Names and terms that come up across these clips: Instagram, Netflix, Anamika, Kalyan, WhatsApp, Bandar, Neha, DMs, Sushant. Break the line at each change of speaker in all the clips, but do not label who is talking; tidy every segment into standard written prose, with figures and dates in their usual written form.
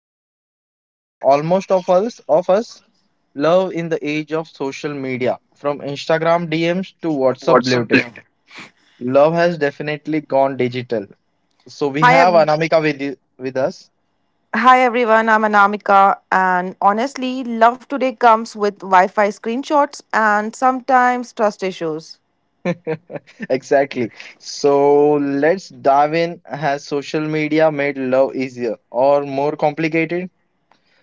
that affects almost of us, love in the age of social media. From Instagram DMs to WhatsApp blue tick. Love has definitely gone digital. So we
Hi,
have
ev-
With us.
Hi everyone. I'm Anamika, and honestly, love today comes with Wi-Fi screenshots and sometimes trust issues.
Exactly. So let's dive in. Has social media made love easier or more complicated?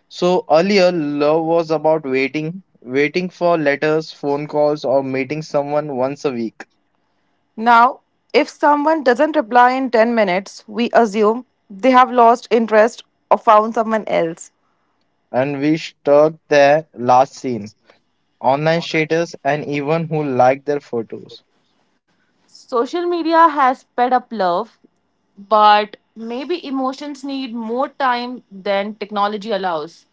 So earlier, love was about waiting, waiting for letters, phone calls, or meeting someone once a week.
Now, if someone doesn't reply in 10 minutes, we assume they have lost interest or found someone else.
And we stuck there last scene, online status, and even who liked their photos.
Social media has sped up love, but maybe emotions need more time than technology allows.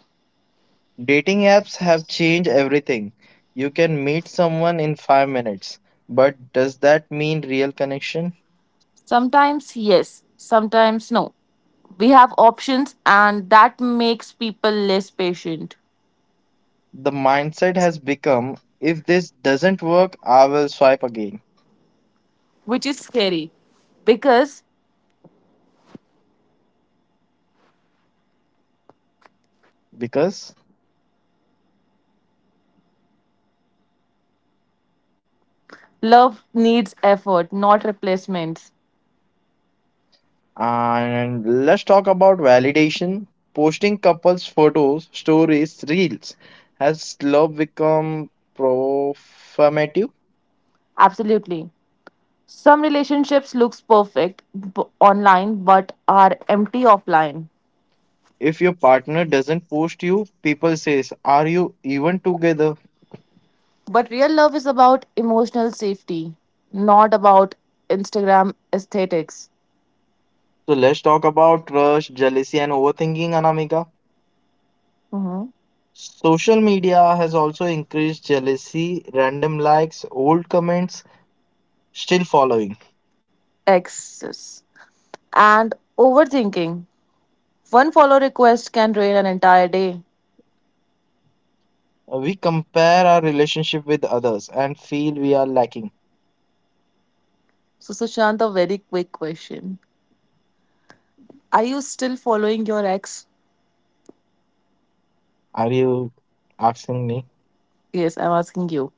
Dating apps have changed everything. You can meet someone in 5 minutes, but does that mean real connection?
Sometimes yes, sometimes no. We have options, and that makes people less patient,
The mindset has become if this doesn't work, I will swipe again.
which is scary because
Because.
love needs effort, not replacements.
And let's talk about validation. Posting couples' photos, stories, reels, has love become performative?
Absolutely. Some relationships looks perfect online but are empty offline.
If your partner doesn't post you, people says, "Are you even together?"
But real love is about emotional safety, not about Instagram aesthetics.
So let's talk about trust, jealousy, and overthinking, Anamika.
Mhm.
Social media has also increased jealousy, random likes, old comments, still following.
Exes, and overthinking. One follow request can drain an entire day.
We compare our relationship with others and feel we are lacking.
So, Sushant, a very quick question. Are you still following your ex?
Are you asking me?
Yes, I'm asking you.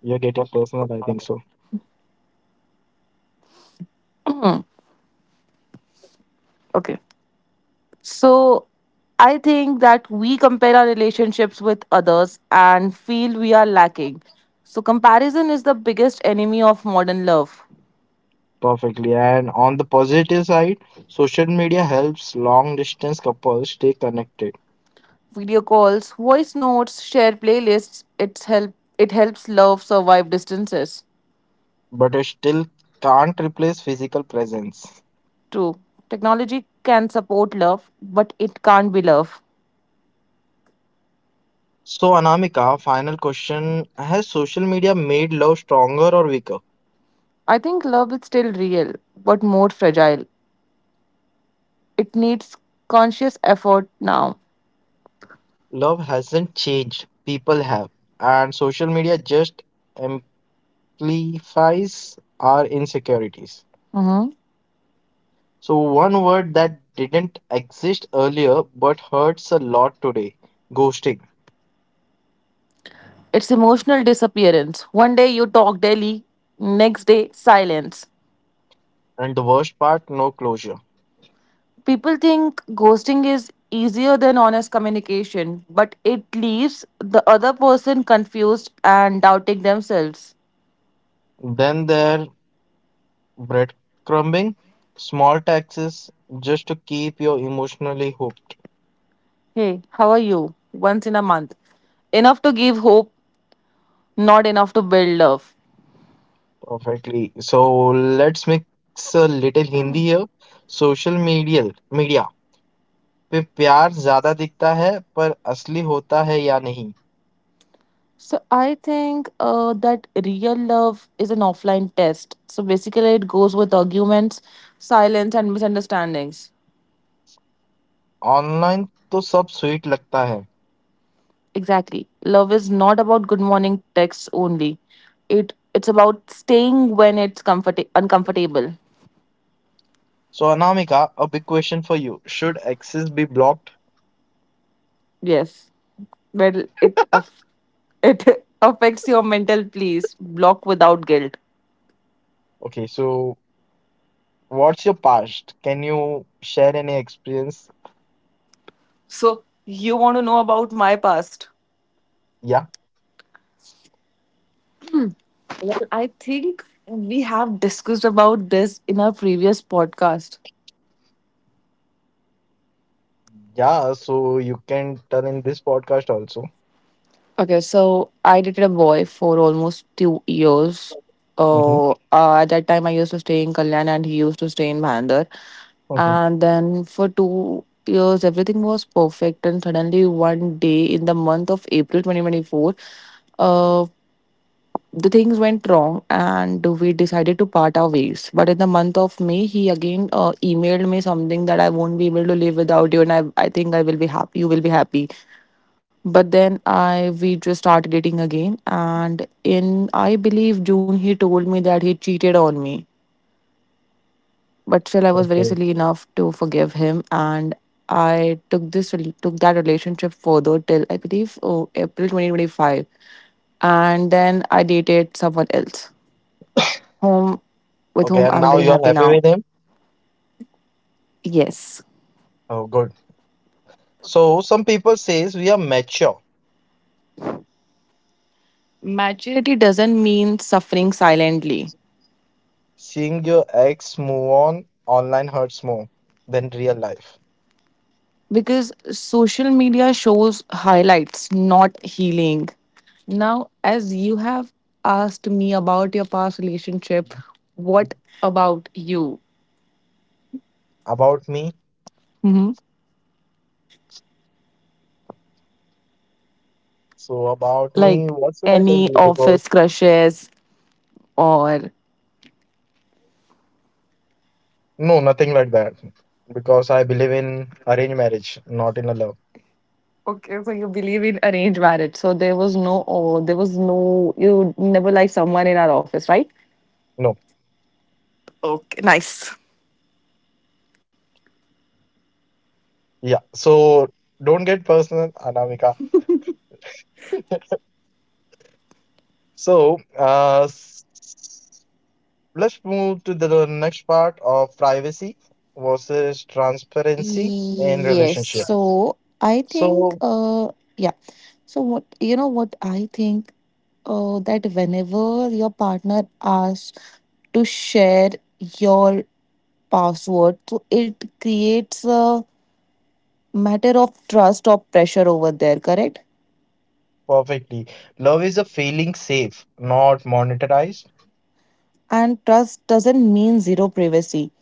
You're getting personal, I think so.
Okay. So, I think that we compare our relationships with others and feel we are lacking. So, comparison is the biggest enemy of modern love.
Perfectly. And on the positive side, social media helps long distance couples stay connected,
Video calls, voice notes, share playlists, it helps love survive distances.
but it still can't replace physical presence.
True. Technology can support love, but it can't be love.
So, Anamika, final question. Has social media made love stronger or weaker?
I think love is still real, but more fragile. It needs conscious effort now.
Love hasn't changed. People have. And social media just amplifies our insecurities.
Hmm.
So, one word that didn't exist earlier but hurts a lot today, ghosting.
It's emotional disappearance. One day you talk daily, next day, silence.
And the worst part, no closure.
People think ghosting is easier than honest communication, but it leaves the other person confused and doubting themselves.
Then there, breadcrumbing, small taxes just to keep you emotionally hooked.
Hey, how are you? Once in a month. Enough to give hope, not enough to build love.
Perfectly. So, let's mix a little Hindi here. Social media. Media पे प्यार ज्यादा दिखता है पर असली होता है या नहीं.
So I think that real love is an offline test. So basically, it goes with arguments, silence, and misunderstandings.
Online तो सब स्वीट लगता है.
Exactly, love is not about good morning texts only. It's about staying when it's comfort uncomfortable.
So, Anamika, a big question for you. Should access be blocked?
Yes, well, it affects your mental peace. Block without guilt.
Okay, so what's your past? Can you share any experience?
So you want to know about my past?
Yeah,
Well, I think we have discussed about this in our previous podcast.
yeah, so you can tell in this podcast also.
Okay, so I dated a boy for almost 2 years.
Mm-hmm.
At that time, I used to stay in Kalyan and he used to stay in Bandar.
Mm-hmm.
And then for 2 years, everything was perfect. And suddenly, one day in the month of April 2024, uh, The things went wrong and we decided to part our ways. But in the month of May, he again emailed me something that I won't be able to live without you and I think I will be happy, you will be happy. But then I we just started dating again and in I believe June he told me that he cheated on me. But still I was very
Okay.
silly enough to forgive him and I took took that relationship further till I believe April 2025 and then I dated someone else, whom with
Okay,
whom
and
I'm
now
very
you're
happy
happy
now.
with him?
Yes.
Oh, good. So some people says we are mature.
Maturity doesn't mean suffering silently
Seeing your ex move on online hurts more than real life.
because social media shows highlights, not healing. Now, as you have asked me about your past relationship, what about you?
About me?
Hmm.
So about me,
Like
what should I tell
any
you? Because.
office crushes or.
No, nothing like that. Because I believe in arranged marriage, not in a love.
Okay, so you believe in arranged marriage. So there was no, oh, there was no, you never liked someone in our office, right?
No. Yeah. So don't get personal, Anamika. So uh s- let's move to the next part of privacy versus transparency in
Yes.
relationship.
So I think,
So
yeah. So what I think, that whenever your partner asks to share your password, so it creates a matter of trust or pressure over there, correct?
perfectly. Love is a feeling safe, not monetized.
And trust doesn't mean zero privacy.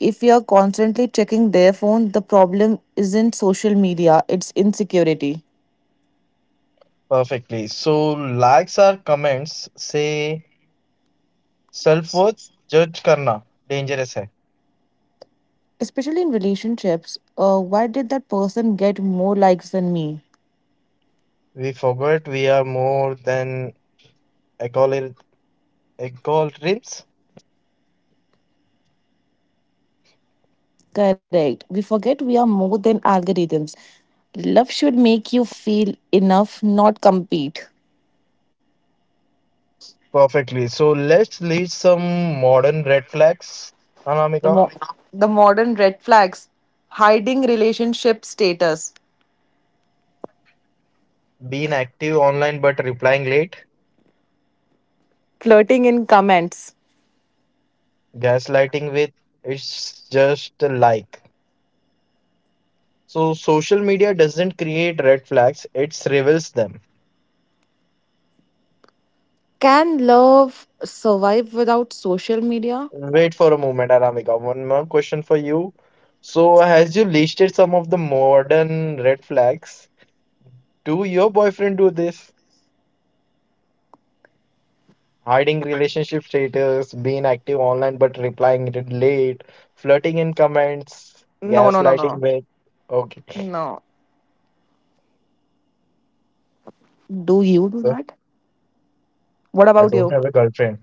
If you're constantly checking their phone, the problem isn't social media; it's insecurity.
Perfectly. So likes or comments say self-worth judge karna dangerous है.
Especially in relationships, why did that person get more likes than me?
We forgot we are more than equilibriums.
Correct, we forget we are more than algorithms. Love should make you feel enough, not compete.
Perfectly. So let's list some modern red flags.
the,
Anamika,
mo- the modern red flags, hiding relationship status,
being active online but replying late,
flirting in comments.
gaslighting with it's just a like. So social media doesn't create red flags, it reveals them.
Can love survive without social media?
Wait for a moment, Anamika. One more question for you. So, has you listed some of the modern red flags? Do your boyfriend do this? Hiding relationship status, being active online but replying it late, flirting in comments,
No, no, no, no.
gaslighting with. Okay,
No. Do you do
so
that? What
I
about
don't
you?
have a girlfriend.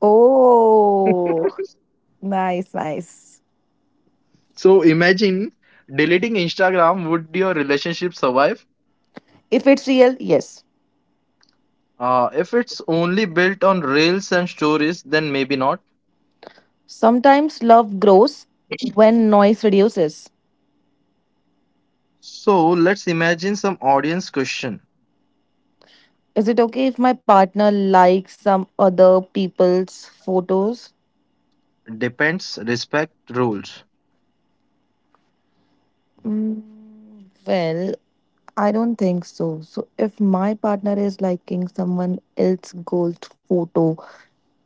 Oh, nice, nice.
So imagine deleting Instagram, would your relationship survive?
If it's real, yes.
If it's only built on reels and stories, then maybe not.
Sometimes love grows when noise reduces.
So let's imagine some audience question.
Is it okay if my partner likes some other people's photos?
Depends, respect, rules.
Mm, well, I don't think so. So, if my partner is liking someone else's gold photo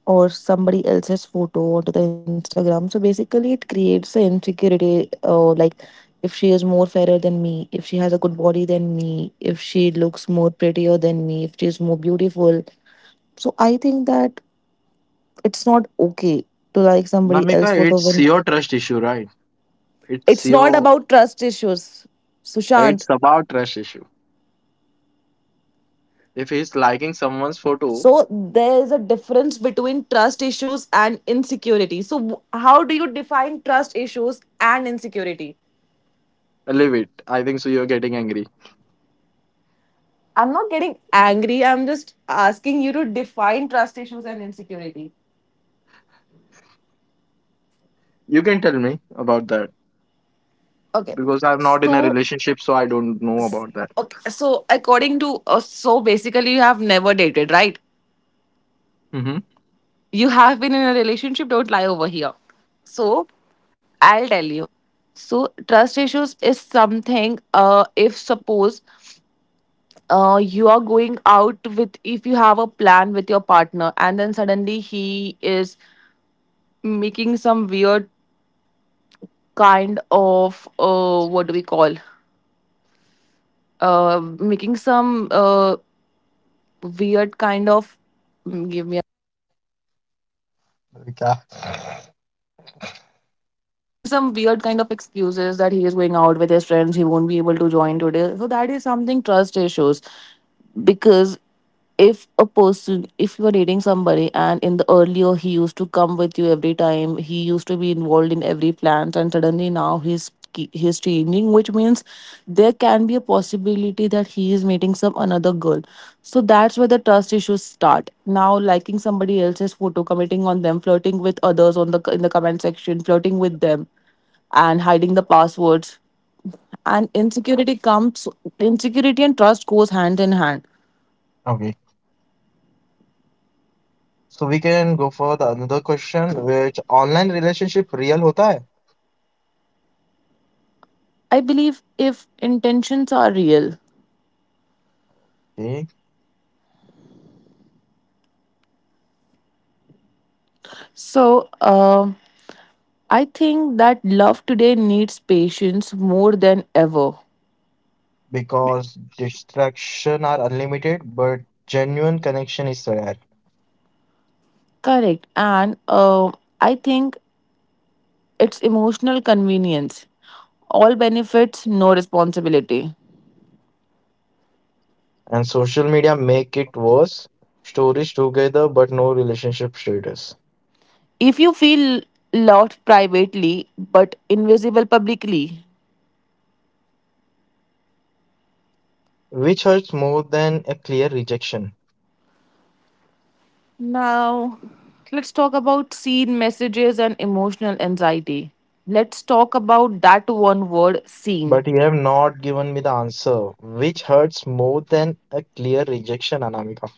or somebody else's photo onto the Instagram. So basically, it creates the insecurity. Like, if she is more fairer than me, if she has a good body than me, if she looks more prettier than me, if she is more beautiful. So I think that it's not okay to like somebody else
Namika,
photo
it's
when.
your trust issue, right? It's
It's not
your
about trust issues, Sushant.
it's about trust issue. If he's liking someone's photo,
So there is a difference between trust issues and insecurity. So how do you define trust issues and insecurity?
leave it. I think so. You're getting angry.
I'm not getting angry. I'm just asking you to define trust issues and insecurity.
You can tell me about that
Okay.
because I'm not in a
So,
relationship, so I don't know
s-
about that.
okay. So, according to so basically, you have never dated, right?
Mm-hmm.
You have been in a relationship. Don't lie over here. So, I'll tell you. So, trust issues is something. If suppose, you are going out with if you have a plan with your partner, and then suddenly he is making some weird kind of what do we call making some weird kind of mm,
क्या.
making some weird kind of excuses that he is going out with his friends, he won't be able to join today, so that is something trust issues. Because if a person if you are dating somebody and in the earlier he used to come with you every time, he used to be involved in every plans and suddenly now he's changing, which means there can be a possibility that he is meeting some another girl. So that's where the trust issues start. Now, liking somebody else's photo, commenting on them, flirting with others on the comment section, flirting with them, and hiding the passwords, and insecurity comes. Insecurity and trust goes hand in hand.
Okay, so we can go for the another question, which online relationship real होता है.
I believe if intentions are real.
Okay,
So, uh, I think that love today needs patience more than ever.
because distraction are unlimited but genuine connection is rare.
Correct. And I think it's emotional convenience. All benefits, no responsibility.
And social media make it worse, stories together but no relationship status,
If you feel loved privately but invisible publicly.
which hurts more than a clear rejection.
Now, let's talk about seen messages and emotional anxiety. Let's talk about that one word seen.
But you have not given me the answer, which hurts more than a clear rejection, Anamika.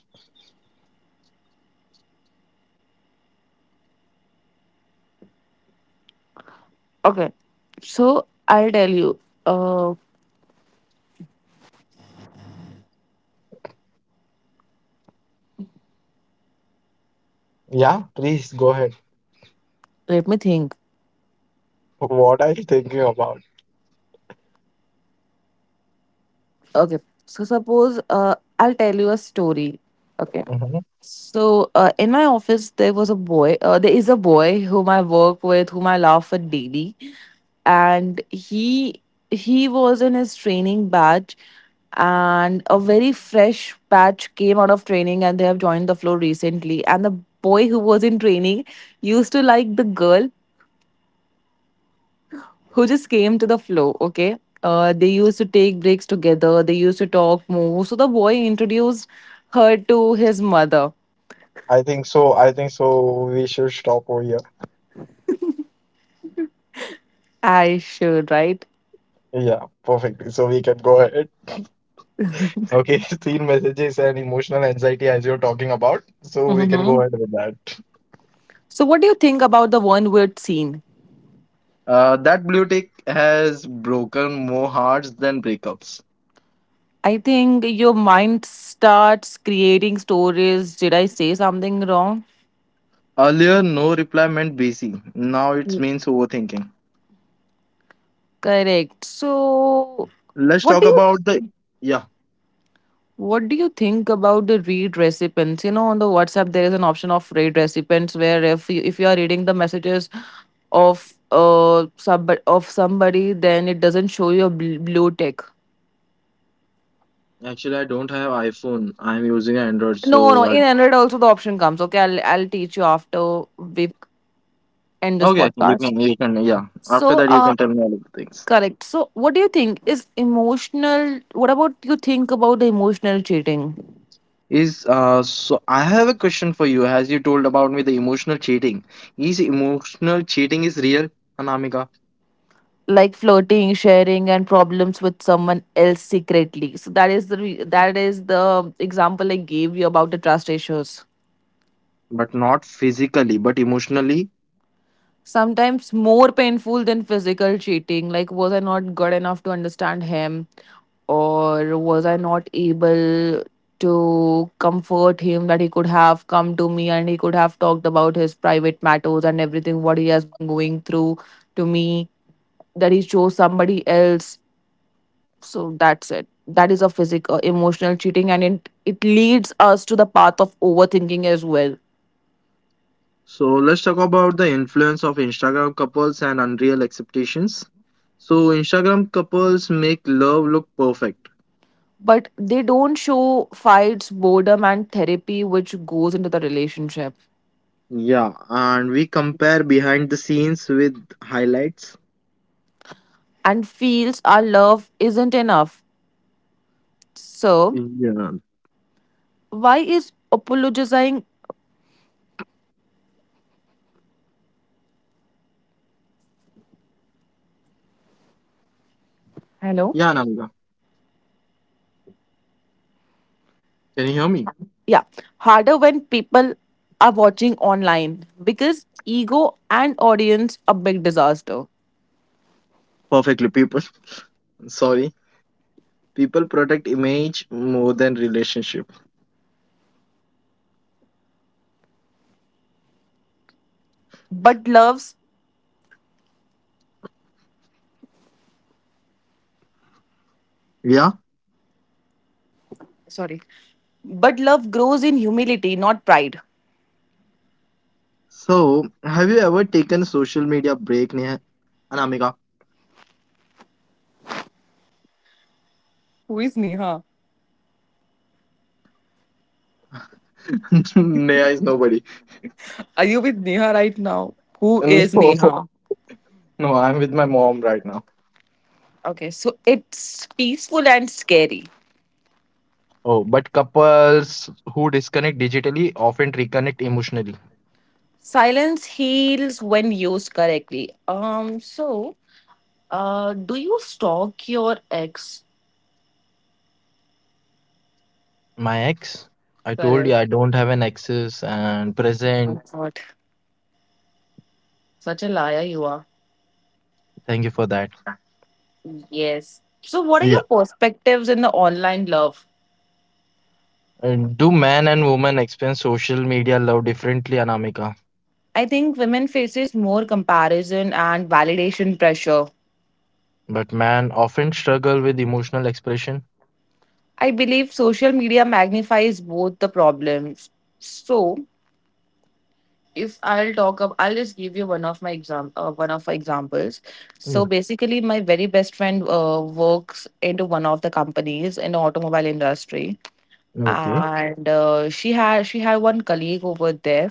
Okay, so I'll tell you. Uh,
Yeah, please go ahead.
Let me think.
What are you thinking about?
Okay, so suppose I'll tell you a story. Okay,
Hmm.
so in my office there was a boy. There is a boy whom I work with, whom I laugh at daily, and he was in his training batch, and a very fresh batch came out of training, and they have joined the floor recently. And the boy who was in training used to like the girl who just came to the flow, okay? They used to take breaks together, they used to talk more. So the boy introduced her to his mother.
I think so. I think so. We should stop over here.
I should, right?
Yeah, perfectly. So we can go ahead. Okay, teen messages and emotional anxiety as you're talking about. So we can go
Mm-hmm.
ahead with that.
So, what do you think about the one word scene?
That blue tick has broken more hearts than breakups.
I think your mind starts creating stories. Did I say something wrong?
Earlier, no reply meant busy. Now it
Mm.
means overthinking.
Correct. So,
Let's
what
talk
do you
about the yeah.
What do you think about the read recipients? You know, on the WhatsApp there is an option of read recipients where if you are reading the messages of somebody, then it doesn't show your blue tick.
Actually, I don't have iPhone. I'm using Android,
No, no,
so I...
in Android also the option comes. Okay, I'll teach you after we end this
Okay,
podcast.
you can, yeah. After
So,
that, you can tell me all of the things.
correct. So, what do you think is emotional? What about you think about the emotional cheating?
Is so I have a question for you. As you told about me, the emotional cheating, is emotional cheating is real, Anamika,
Like flirting, sharing and problems with someone else secretly, so that is that is the example I gave you about the trust issues.
but not physically, but emotionally.
Sometimes more painful than physical cheating. Like, was I not good enough to understand him, or was I not able to comfort him that he could have come to me and he could have talked about his private matters and everything what he has been going through to me, that he chose somebody else. So that's it, that is a physical emotional cheating, and it leads us to the path of overthinking as well.
So let's talk about the influence of Instagram couples and unreal expectations. So Instagram couples make love look perfect.
But they don't show fights, boredom and therapy which goes into the relationship,
Yeah, and we compare behind the scenes with highlights.
and feels our love isn't enough. So,
Yeah.
why is apologizing, hello,
Yeah, Namika. Can you hear me?
yeah, harder when people are watching online? Because ego and audience, a big disaster.
Perfectly, people. Sorry. People protect image more than relationship.
But loves,
Yeah.
sorry, but love grows in humility, not pride.
So, have you ever taken a social media break, Neha? Anamika.
Who is Neha?
Neha is nobody.
Are you with Neha right now? Who is Neha?
No, no, I'm with my mom right now.
Okay, so it's peaceful and scary.
Oh, but couples who disconnect digitally often reconnect emotionally.
Silence heals when used correctly. So, do you stalk your ex?
My ex, I told you
Correct.
I don't have an exes and
Oh,
present.
God, such a liar you are.
Thank you for that.
Yes. So, what are your perspectives in the online love?
Do man and woman experience social media love differently, Anamika?
I think women faces more comparison and validation pressure.
But man often struggle with emotional expression.
I believe social media magnifies both the problems. So, if I'll talk up, I'll just give you one of my examples. So
Yeah.
basically, my very best friend works into one of the companies in the automobile industry,
Okay.
and she had one colleague over there,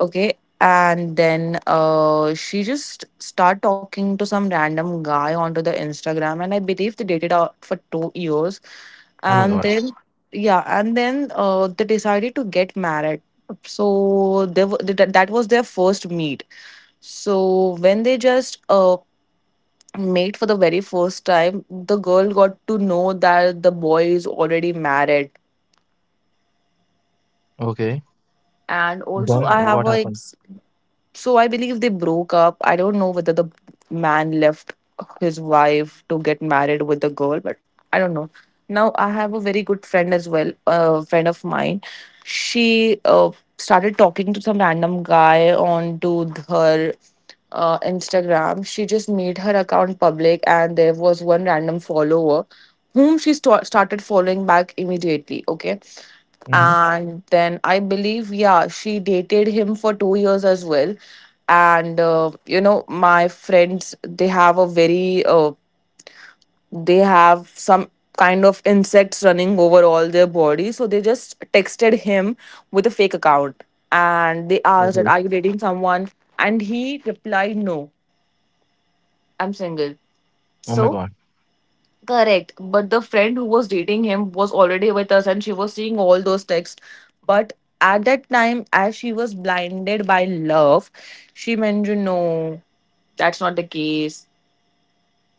okay, and then she just start talking to some random guy onto the Instagram, and I believe they dated out for 2 years.
Oh my
And
God.
then yeah, and then they decided to get married. So that was their first meet. So when they just made for the very first time, the girl got to know that the boy is already married.
Okay.
And also I
Then
have
what
a
happened?
so I believe they broke up. I don't know whether the man left his wife to get married with the girl, but I don't know. Now I have a very good friend as well, a friend of mine. She started talking to some random guy on to her Instagram. She just made her account public, and there was one random follower whom she started following back immediately. Okay,
Mm-hmm.
and then I believe, yeah, she dated him for 2 years as well. And my friends, they have a very they have some kind of insects running over all their body, so they just texted him with a fake account, and they asked that
Okay.
are you dating someone, and he replied, no, I'm single.
Oh my
So
God.
correct. But the friend who was dating him was already with us, and she was seeing all those texts. But at that time, as she was blinded by love, she mentioned, no, that's not the case.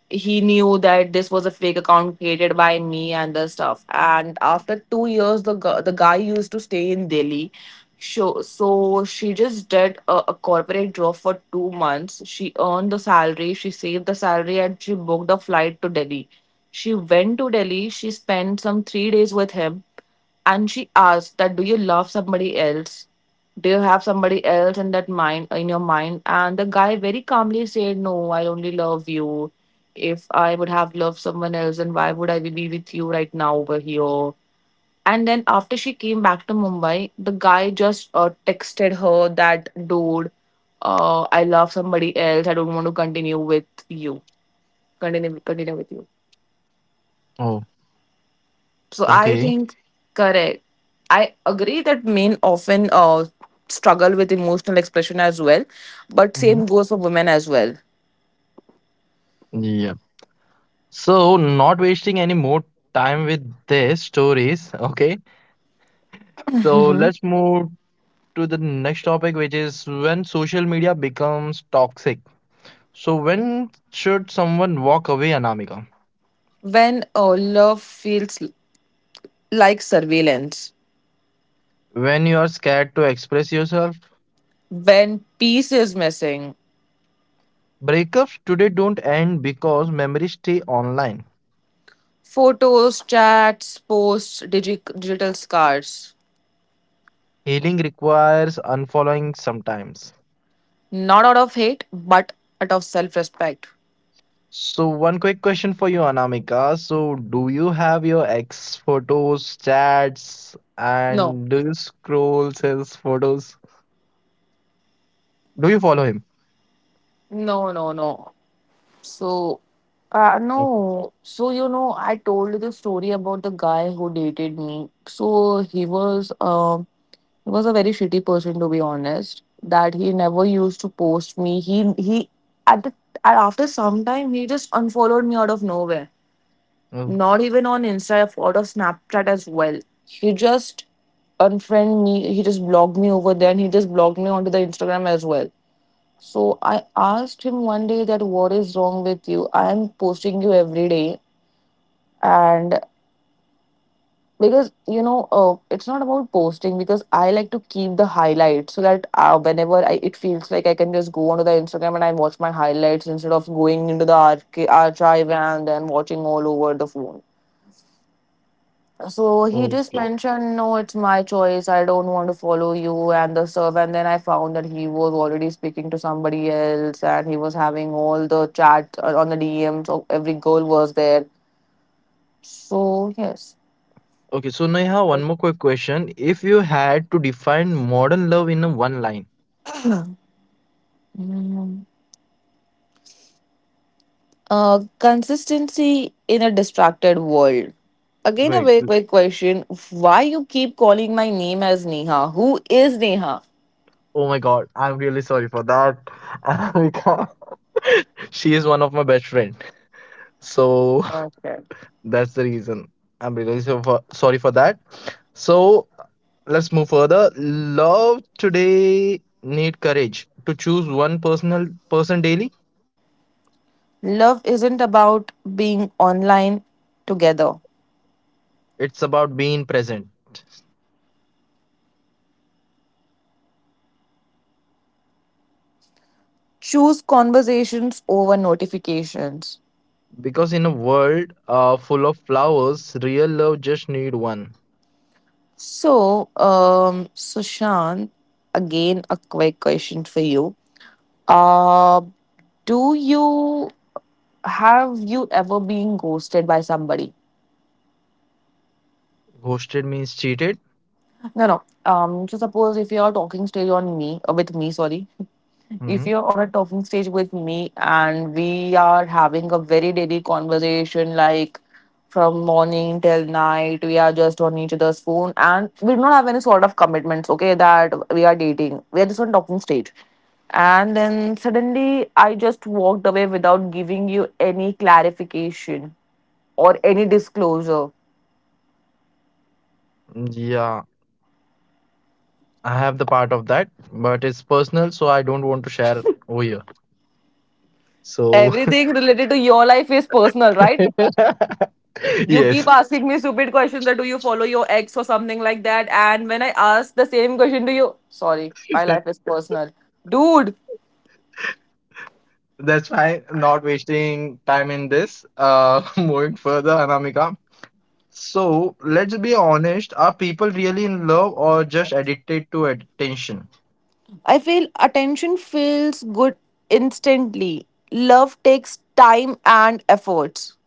He knew that this was a fake account created by me and the stuff. And after 2 years, the guy used to stay in Delhi. So she just did a corporate job for 2 months. She earned the salary, she saved the salary, and she booked a flight to Delhi. She went to Delhi. She spent some 3 days with him, and she asked that do you love somebody else, do you have somebody else in that mind in your mind, and the guy very calmly said, no, I only love you. If I would have loved someone else, then why would I be with you right now over here? And then after she came back to Mumbai, the guy just texted her that dude, I love somebody else, I don't want to continue with you.
Oh.
So I
Okay.
think correct. I agree that men often struggle with emotional expression as well, but
Mm-hmm.
same goes for women as well.
Yep. So not wasting any more time with their stories. Okay. So let's move to the next topic, which is when social media becomes toxic. So when should someone walk away, Anamika?
When love feels like surveillance,
When you are scared to express yourself.
when peace is missing,
Breakups today don't end because memories stay online.
photos, chats, posts, digital scars,
Healing requires unfollowing sometimes.
not out of hate, but out of self-respect.
So, one quick question for you, Anamika. So, do you have your ex photos, chats,
No,
and do you scroll his photos? Do you follow him?
no, no, no. So,
Okay.
no. So, you know, I told you the story about the guy who dated me. So he was a very shitty person, to be honest. That he never used to post me. He At after some time, he just unfollowed me out of nowhere.
Oh,
Not even on Insta, out of Snapchat as well. He just unfriend me. He just blocked me over there. And he just blocked me onto the Instagram as well. So I asked him one day that what is wrong with you? I am posting you every day. And because, you know, it's not about posting, because I like to keep the highlights so that whenever I, it feels like I can just go onto the Instagram and I watch my highlights instead of going into the archive and then watching all over the phone. So he just
okay.
mentioned, no, it's my choice. I don't want to follow you and the serve. And then I found that he was already speaking to somebody else, and he was having all the chat on the DM. So every girl was there. So, yes.
Okay. So, Neha, one more quick question. If you had to define modern love in a one line,
Mm. Consistency in a distracted world. Again, a
great.
very quick question. Why you keep calling my name as Neha? Who is Neha?
Oh my God, I'm really sorry for that. Amika, she is one of my best friend. So,
Okay.
that's the reason. I'm really so for, sorry for that. So let's move further. Love today need courage to choose one personal person daily.
Love isn't about being online together.
It's about being present.
Choose conversations over notifications.
Because in a world full of flowers, real love just need one.
So, Sushant, again, a quick question for you. Uh, do you have you ever been ghosted by somebody?
Ghosted means cheated.
No, no. So suppose if you are talking stage on me with me, sorry, if
Mhm.
you're on a talking stage with me and we are having a very daily conversation, like from morning till night we are just on each other's phone and we do not have any sort of commitments, okay, that we are dating, we are just on talking stage, and then suddenly I just walked away without giving you any clarification or any disclosure.
Yeah, I have the part of that, but it's personal, so I don't want to share over here. So,
Everything related to your life is personal, right? You keep
yes,
asking me stupid questions that do you follow your ex or something like that. And when I ask the same question to you, sorry, my life is personal. Dude,
that's why. Not wasting time in this. Moving further, Anamika. So, let's be honest. Are people really in love or just addicted to attention?
I feel attention feels good instantly. Love takes time and efforts.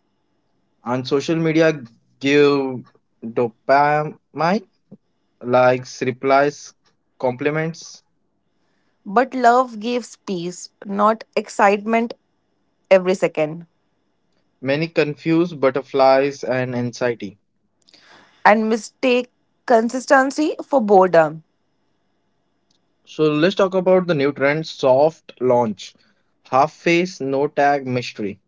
And social media give dopamine, likes, replies, compliments,
But love gives peace, not excitement every second.
many confuse butterflies and anxiety.
And mistake consistency for boredom.
So let's talk about the new trend soft launch. Half face, no tag mystery.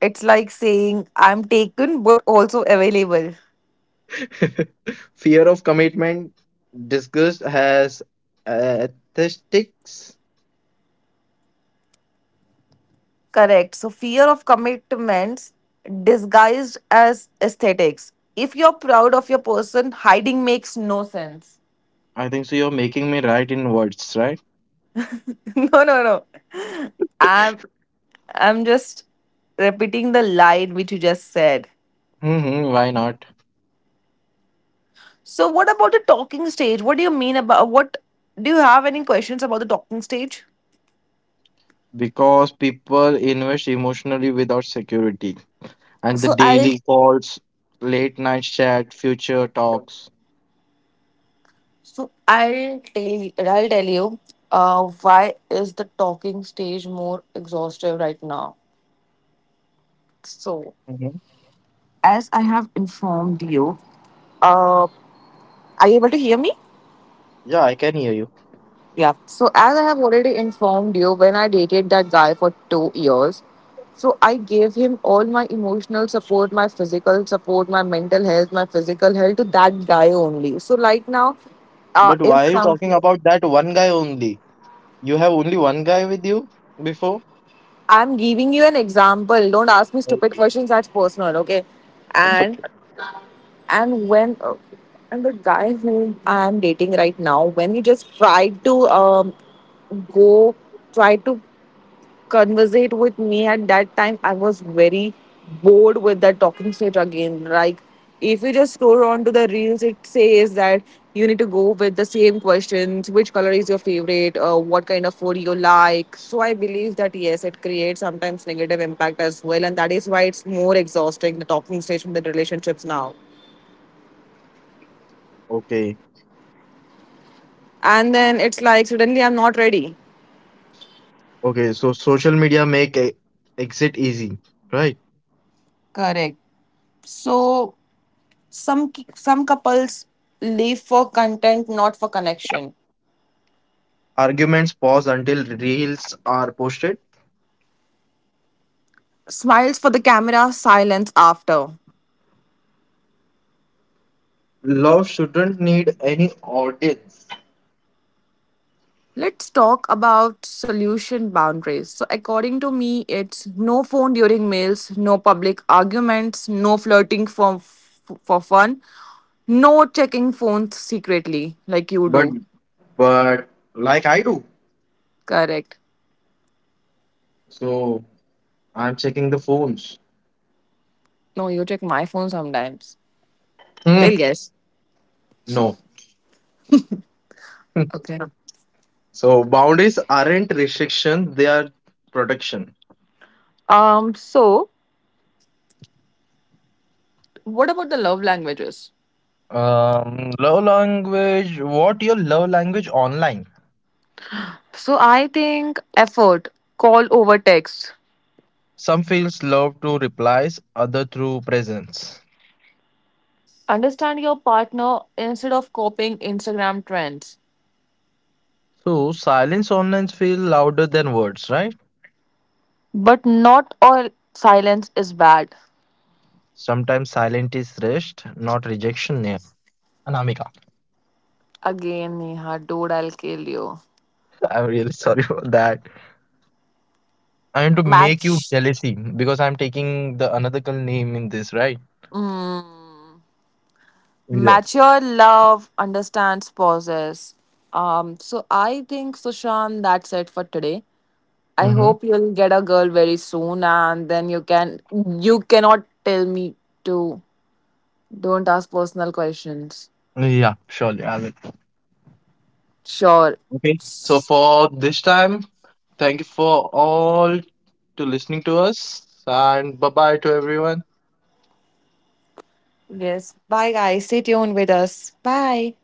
It's like saying, I'm taken but also available.
Fear of commitment disgust has aesthetics.
Correct. So, fear of commitments disguised as aesthetics. If you're proud of your person, hiding makes no sense.
I think so. You're making me write in words, right?
no, no, no. I'm, I'm just repeating the line which you just said.
Hmm, why not?
So, what about the talking stage? What do you mean about what? Do you have any questions about the talking stage?
Because people invest emotionally without security. And the
So I'll
daily calls, late night chat, future talks.
so I'll tell you why is the talking stage more exhaustive right now. So
Mhm.
as I have informed you, uh, are you able to hear me?
Yeah, I can hear you.
Yeah. So, as I have already informed you, when I dated that guy for 2 years, so I gave him all my emotional support, my physical support, my mental health, my physical health to that guy only. So, like now,
But
if
why are you
some,
talking about that one guy only? You have only one guy with you before?
I'm giving you an example. Don't ask me stupid
Okay.
questions. That's personal, okay?
That's
And
okay.
and when and the guy whom I'm dating right now, when he just tried to go try to conversate with me, at that time I was very bored with that talking stage. Again, like if you just scroll on to the reels, it says that you need to go with the same questions, which color is your favorite, what kind of food you like. So I believe that yes, it creates sometimes negative impact as well, and that is why it's more exhausting, the talking stage in the relationships now,
Okay.
and then it's like suddenly I'm not ready.
Okay. So social media make exit easy, right?
Correct. So some couples live for content, not for connection.
Arguments pause until reels are posted.
Smiles for the camera, silence after.
Love shouldn't need any audience.
Let's talk about solution boundaries. So, according to me, it's no phone during meals, no public arguments, no flirting for fun, no checking phones secretly like you
But
do.
but like I do.
Correct.
So I'm checking the phones.
No, you check my phone sometimes.
Hmm.
Tell, yes.
No. Hmm.
Okay.
So boundaries aren't restriction, they are protection.
So what about the love languages?
Love language. What your love language online?
So I think effort, call over text.
Some feels love through replies, other through presence.
Understand your partner instead of copying Instagram trends.
So silence online feel louder than words, right?
But not all silence is bad.
Sometimes silent is rest, not rejection. Yeah. Anamika,
Again, Neha, dude, I'll kill you.
I'm really sorry for that. I am to make you
Match.
jealousy because I'm taking the another girl name in this, right?
Mm,
Yeah.
mature love understands pauses. So I think Sushan, that's it for today. I
Hmm.
hope you'll get a girl very soon, and then you can, you cannot tell me to don't ask personal questions.
Yeah, surely I will.
Sure.
Okay. So for this time, thank you for all to listening to us and bye bye to everyone.
Yes. Bye, guys. Stay tuned with us. Bye.